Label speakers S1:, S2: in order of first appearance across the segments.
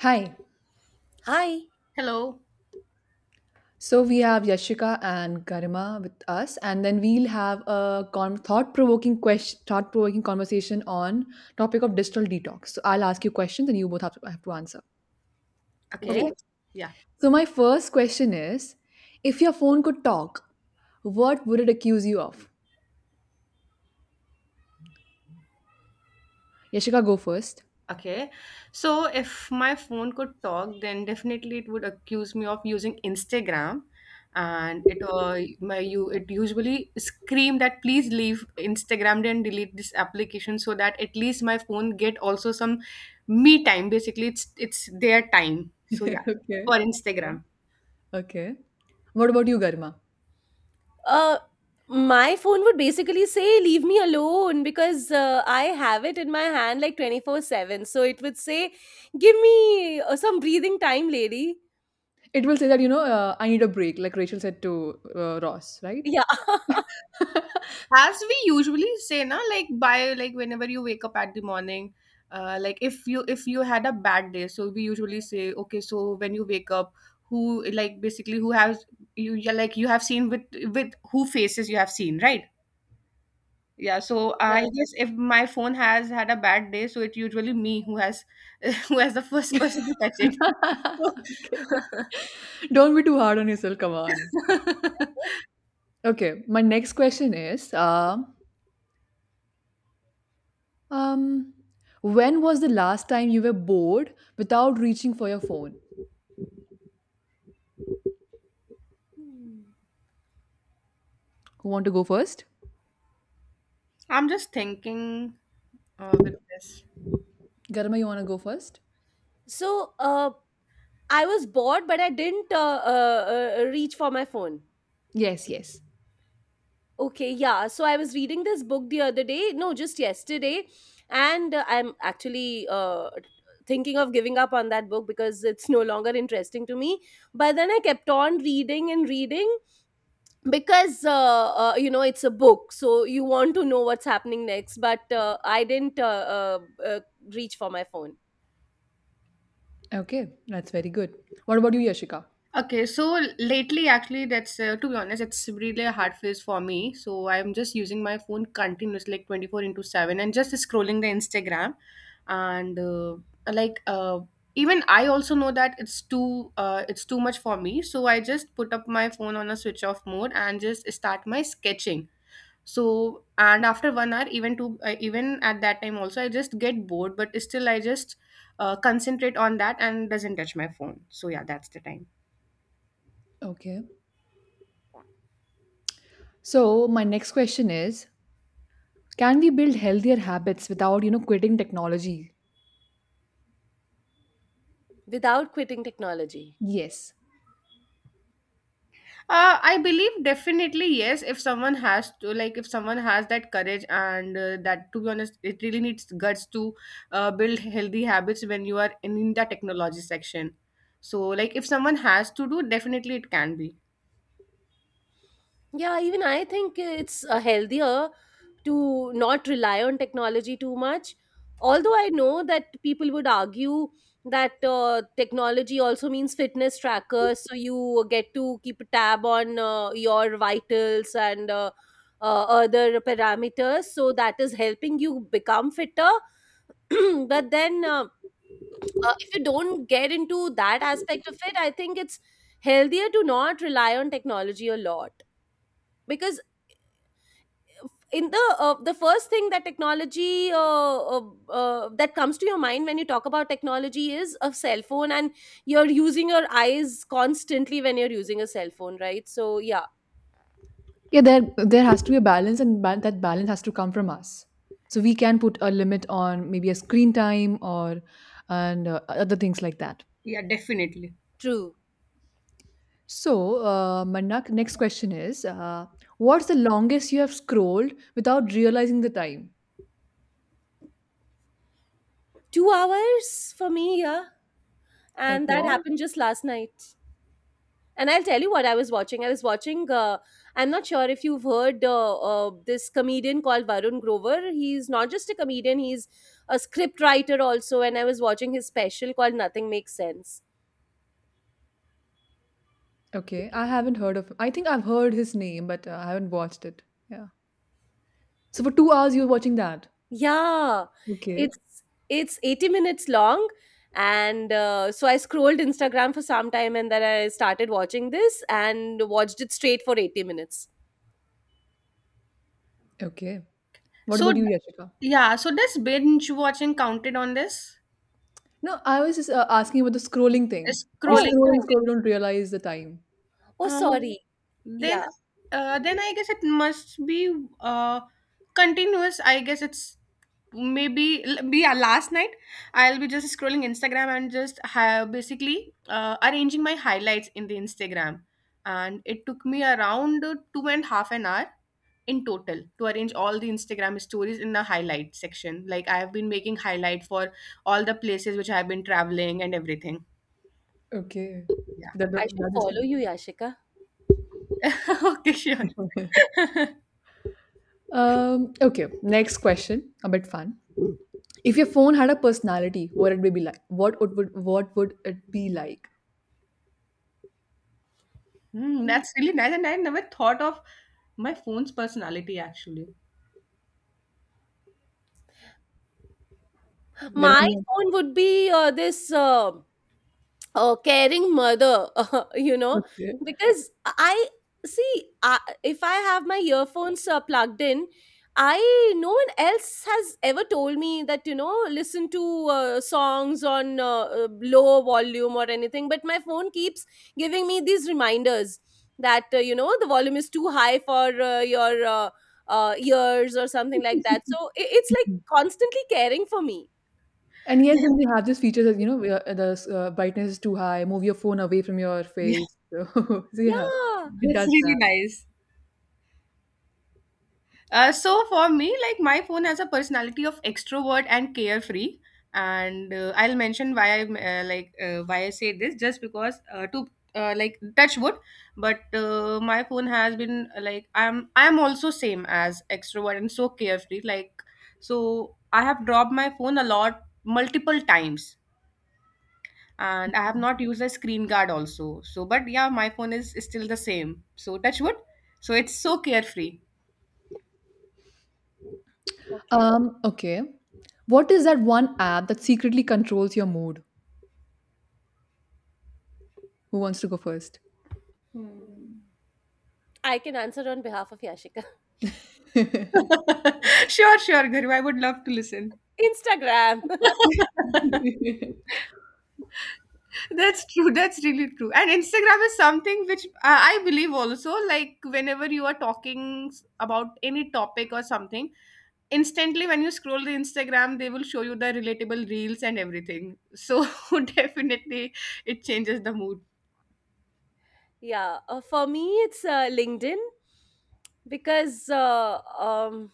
S1: Hi.
S2: Hi,
S3: Hello.
S1: So we have Yashika and Garima with us, and then we'll have a thought-provoking thought-provoking conversation on topic of digital detox. So I'll ask you questions, and you both have to answer.
S3: Okay.
S1: Okay.
S2: great.
S3: Yeah.
S1: So my first question is, if your phone could talk, what would it accuse you of? Yashika, go first.
S3: Okay. So if my phone could talk, then definitely it would accuse me of using Instagram, and it my you it usually scream that please leave Instagram and delete this application so that at least my phone get also some me time. Basically, it's their time. So yeah,
S1: Okay.
S3: for
S1: Okay.
S3: Instagram.
S1: Okay. What about you, Garima?
S2: Uh, my phone would basically say, leave me alone because I have it in my hand like 24/7. So it would say, give me some breathing time, lady.
S1: It will say that I need a break, like Rachel said to Ross, right?
S2: Yeah.
S3: As we usually say na, like by like whenever you wake up at the morning, like if you had a bad day, so we usually say okay, so when you wake up, who, like basically, who has, you, yeah, like you have seen with who faces you have seen, right, yeah. So I
S2: Yeah.
S3: guess if my phone has had a bad day, so it's usually me who has who has the first person to touch it.
S1: Okay. Don't be too hard on yourself. Come on. Okay. My next question is, um, when was the last time you were bored without reaching for your phone? Who want to go first?
S3: I'm just thinking, with this.
S1: Garma, you want to go first?
S2: So I was bored, but I didn't reach for my phone.
S1: Yes, yes.
S2: Okay, yeah. So I was reading this book the other day, no, just yesterday, and I'm actually thinking of giving up on that book because it's no longer interesting to me. But then I kept on reading and reading because, you know, it's a book, so you want to know what's happening next. But I didn't uh, reach for my phone.
S1: Okay, that's very good. What about you, Yashika?
S3: Okay, so lately, actually, that's, to be honest, it's really a hard phase for me. So I'm just using my phone continuously, like 24 into 7, and just scrolling the Instagram. And like, even I also know that it's too much for me. So I just put up my phone on a switch off mode and just start my sketching. So and after 1 hour, even at that time also, I just get bored. But still, I just concentrate on that and doesn't touch my phone. So yeah, that's the time.
S1: Okay. So my next question is, can we build healthier habits without, quitting technology?
S2: Without quitting technology.
S1: Yes.
S3: I believe definitely yes. If someone has to, like, if someone has that courage and that, to be honest, it really needs guts to build healthy habits when you are in the technology section. So, like, if someone has to do, definitely it can be.
S2: Yeah, even I think it's healthier to not rely on technology too much. Although I know that people would argue that technology also means fitness trackers, so you get to keep a tab on your vitals and other parameters, so that is helping you become fitter. But then, if you don't get into that aspect of it, I think it's healthier to not rely on technology a lot because in the first thing that technology that comes to your mind when you talk about technology is a cell phone, and you're using your eyes constantly when you're using a cell phone, right? So yeah,
S1: Yeah, there has to be a balance, and that balance has to come from us, so we can put a limit on maybe a screen time or and other things like that.
S3: Yeah, definitely.
S2: true.
S1: So manak, next question is, what's the longest you have scrolled without realizing the time?
S2: 2 hours for me, yeah, and that
S1: Okay.
S2: happened just last night. And I'll tell you what I was watching. I was watching, I'm not sure if you've heard this comedian called Varun Grover. He's not just a comedian, he's a script writer also, and I was watching his special called Nothing Makes Sense.
S1: Okay, I haven't heard of, I think I've heard his name, but I haven't watched it. Yeah, so for 2 hours you were watching that.
S2: Yeah,
S1: Okay.
S2: it's it's 80 minutes long, and so I scrolled Instagram for some time, and then I started watching this and watched it straight for 80 minutes.
S1: Okay. What
S3: So,
S1: about you, Yashika?
S3: yeah. So, does binge watching counted on this?
S1: No, I was just asking about the scrolling thing. We
S2: Oh,
S3: Scrolling.
S1: scroll and
S2: oh,
S1: scroll, we don't realize the time.
S2: oh,
S3: Uh,
S2: sorry.
S3: then
S2: Yeah,
S3: then I guess it must be uh, continuous. I guess it's maybe l- be last night. I'll be just scrolling Instagram and just basically, arranging my highlights in the Instagram, and it took me around two and half an hour in total to arrange all the Instagram stories in the highlight section, like I have been making highlight for all the places which I have been traveling and everything.
S1: Okay.
S3: Yeah.
S1: That,
S2: I should
S1: that is
S2: follow you, Yashika.
S3: Okay, sure.
S1: okay. Next question, a bit fun. If your phone had a personality, what it would be like? What would it be like?
S3: Hmm, that's really nice, and I never thought of my phone's personality actually.
S1: There are
S2: My
S1: many-
S2: phone would be this, a caring mother. You know,
S1: options.
S2: because I see, I, if I have my earphones plugged in, I no one else has ever told me that, you know, listen to songs on low volume or anything, but my phone keeps giving me these reminders that you know, the volume is too high for your ears or something like that. So it's like
S1: Okay.
S2: constantly caring for me.
S1: And yes,
S3: Yeah,
S1: then they have these features that, you know, where the brightness is too high, move your phone away from your
S3: yeah,
S1: face. So, so yeah,
S2: Yeah.
S1: it
S3: that's
S1: does that.
S3: really nice. So for me, like my phone has a personality of extrovert and carefree, and I'll mention why I like why I say this just because to like touch wood, but my phone has been like I'm also same as extrovert and so carefree. Like so, I have dropped my phone a lot multiple times and I have not used a screen guard also. So, but yeah, my phone is still the same. So, touch wood. So, it's so carefree.
S2: Okay.
S1: Okay. What is that one app that secretly controls your mood? Who wants to go first?
S2: I can answer on behalf of Yashika.
S3: Sure, sure, Guru. I would love to listen.
S2: Instagram.
S3: That's true. That's really true. And Instagram is something which I believe also, like, whenever you are talking about any topic or something, instantly when you scroll the Instagram, they will show you the relatable reels and everything. So, definitely, it changes the mood.
S2: Yeah, for me it's LinkedIn, because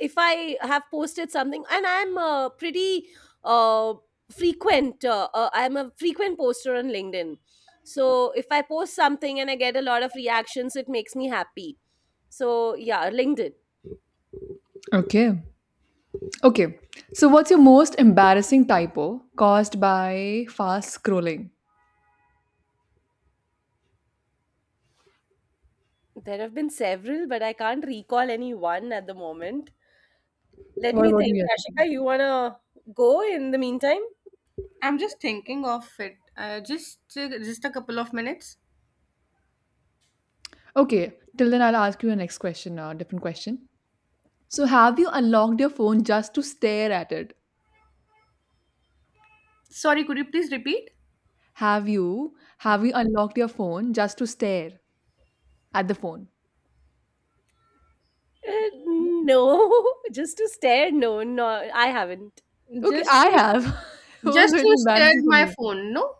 S2: if I have posted something, and I'm a pretty uh, frequent, I'm a frequent poster on LinkedIn. So if I post something and I get a lot of reactions, it makes me happy. So yeah, LinkedIn.
S1: Okay. Okay. So, what's your most embarrassing typo caused by fast scrolling?
S2: There have been several, but I can't recall any one at the moment. Let
S1: What
S2: me
S1: about you,
S2: think.
S1: Yashika?
S2: Ashika, you wanna go in the meantime?
S3: I'm just thinking of it. Just a couple of minutes.
S1: Okay. Till then, I'll ask you a next question, a different question. So, have you unlocked your phone just to stare at it?
S3: Sorry, could you please repeat?
S1: Have you unlocked your phone just to stare at the phone?
S2: Uh, no, just to stare. No, no, I haven't.
S1: Okay,
S3: Just
S1: I
S3: to
S1: have. Oh, so
S3: just
S1: it's
S3: to stare at
S1: embarrassing for
S3: my
S1: me.
S3: phone, no?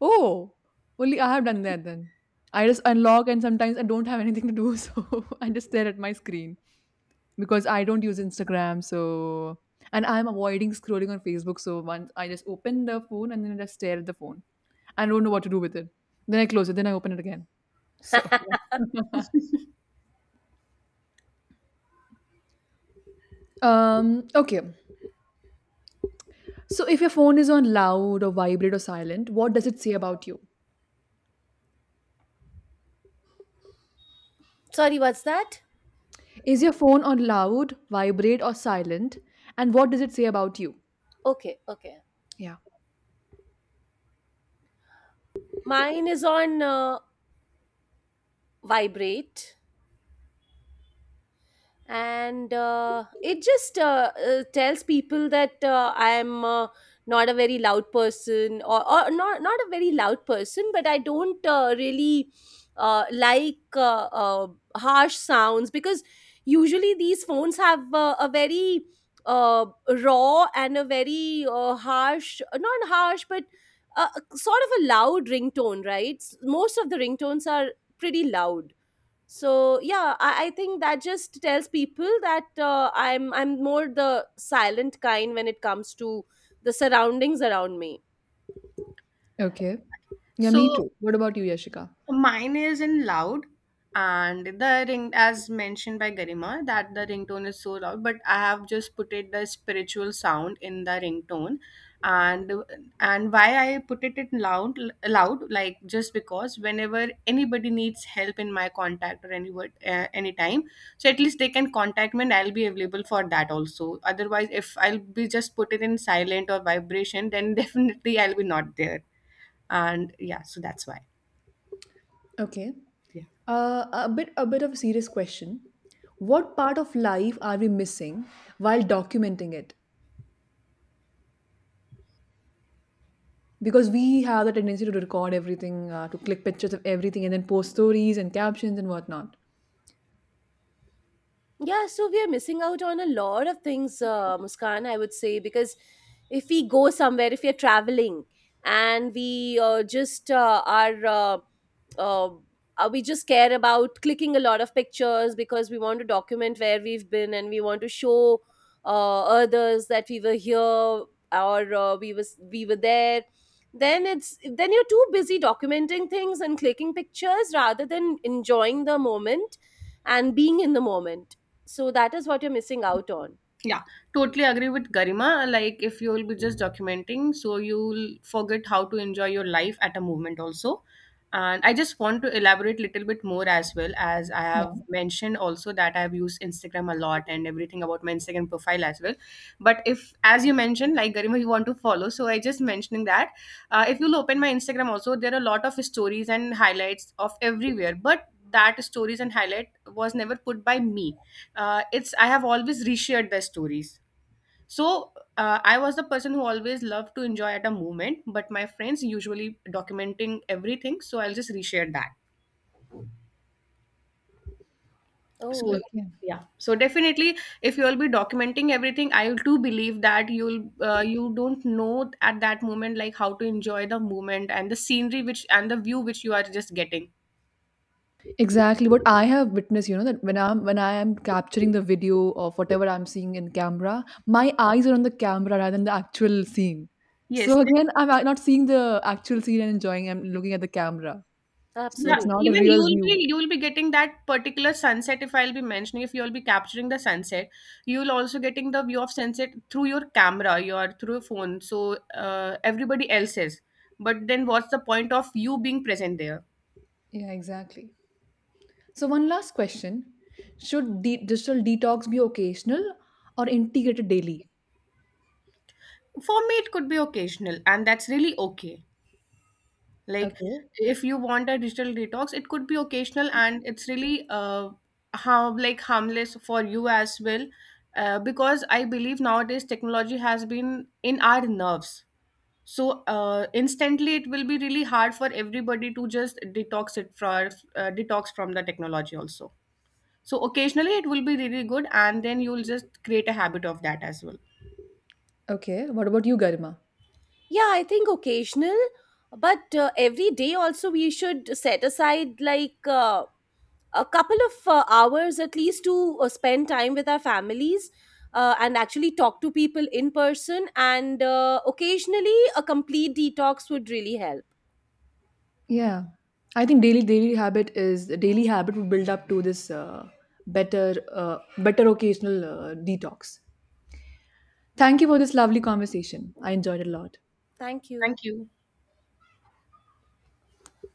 S1: Oh, only I have done that then. I just unlock, and sometimes I don't have anything to do, so I just stare at my screen because I don't use Instagram. So and I'm avoiding scrolling on Facebook. So once I just open the phone and then I just stare at the phone. I don't know what to do with it. Then I close it. Then I open it again. So yeah. Okay. So, if your phone is on loud or vibrate or silent, what does it say about you?
S2: Sorry, what's that?
S1: Is your phone on loud, vibrate, or silent? And what does it say about you?
S2: Okay, okay.
S1: Yeah.
S2: Mine is on vibrate, and it just tells people that I'm not a very loud person, or not a very loud person, but I don't really like harsh sounds, because usually these phones have a very uh, raw and a very harsh, not harsh, but uh, sort of a loud ringtone, right? S- Most of the ringtones are pretty loud. So yeah, I think that just tells people that I'm more the silent kind when it comes to the surroundings around me.
S1: Okay. Yeah, me
S3: So
S1: too. What about you, Yashika?
S3: mine is in loud, and the ring, as mentioned by Garima, that the ringtone is so loud. But I have just put it the spiritual sound in the ringtone, and and why I put it in loud, like just because whenever anybody needs help in my contact or anywhere, anytime, so at least they can contact me, and I'll be available for that also. Otherwise, if I'll be just put it in silent or vibration, then definitely I'll be not there. And yeah, so that's why.
S1: Okay.
S3: Yeah.
S1: A bit of a serious question. What part of life are we missing while documenting it? Because we have the tendency to record everything, to click pictures of everything, and then post stories and captions and whatnot.
S2: Yeah, so we are missing out on a lot of things, Muskan, I would say, because if we go somewhere, if we are traveling and uh, we just care about clicking a lot of pictures because we want to document where we've been, and we want to show others that we were here, or we were there. Then you're too busy documenting things and clicking pictures rather than enjoying the moment and being in the moment, so that is what you're missing out on.
S3: Yeah, totally agree with Garima. Like, if you will be just documenting, so you'll forget how to enjoy your life at a moment also. And I just want to elaborate little bit more as well as I
S1: Yeah.
S3: have mentioned also that I have used Instagram a lot and everything about my Instagram profile as well. But if, as you mentioned, like Garima, you want to follow, so I just mentioning that if you'll open my Instagram also, there are a lot of stories and highlights of everywhere, but that stories and highlight was never put by me, it's I have always reshared their stories. So I was the person who always loved to enjoy at a moment, but my friends usually documenting everything, so I'll just reshare that.
S2: Oh,
S3: So
S2: okay.
S1: Okay.
S3: yeah, so definitely, if you will be documenting everything, I do believe that you don't know at that moment like how to enjoy the moment and the scenery which and the view which you are just getting.
S1: Exactly what I have witnessed, you know, that when I am capturing the video of whatever I'm seeing in camera, my eyes are on the camera rather than the actual scene. So
S3: Yes.
S1: again, not seeing the actual scene and enjoying. I'm looking at the camera, so
S3: Yeah,
S1: it's not a
S2: Absolutely.
S3: even
S1: real
S3: you'll be
S1: view.
S3: you'll be getting that particular sunset if I'll be mentioning if you'll be capturing the sunset, you'll also getting the view of sunset through your camera, your through your phone. So everybody else is. But then what's the point of you being present there?
S1: Yeah, exactly. So one last question: should digital detox be occasional or integrated daily?
S3: For me, it could be occasional, and that's really okay. Like
S1: Okay.
S3: if you want a digital detox, it could be occasional, and it's really how like harmless for you as well, because I believe nowadays technology has been in our nerves, so instantly it will be really hard for everybody to just detox it for detox from the technology also, so occasionally it will be really good and then you'll just create a habit of that as well.
S1: Okay. What about you, Garima?
S2: Yeah, I think occasional, but every day also we should set aside like a couple of hours at least to spend time with our families and actually talk to people in person. And occasionally, a complete detox would really help.
S1: Yeah, I think daily habit would build up to this better better occasional detox. Thank you for this lovely conversation. I enjoyed it a lot.
S2: Thank you.
S3: Thank you.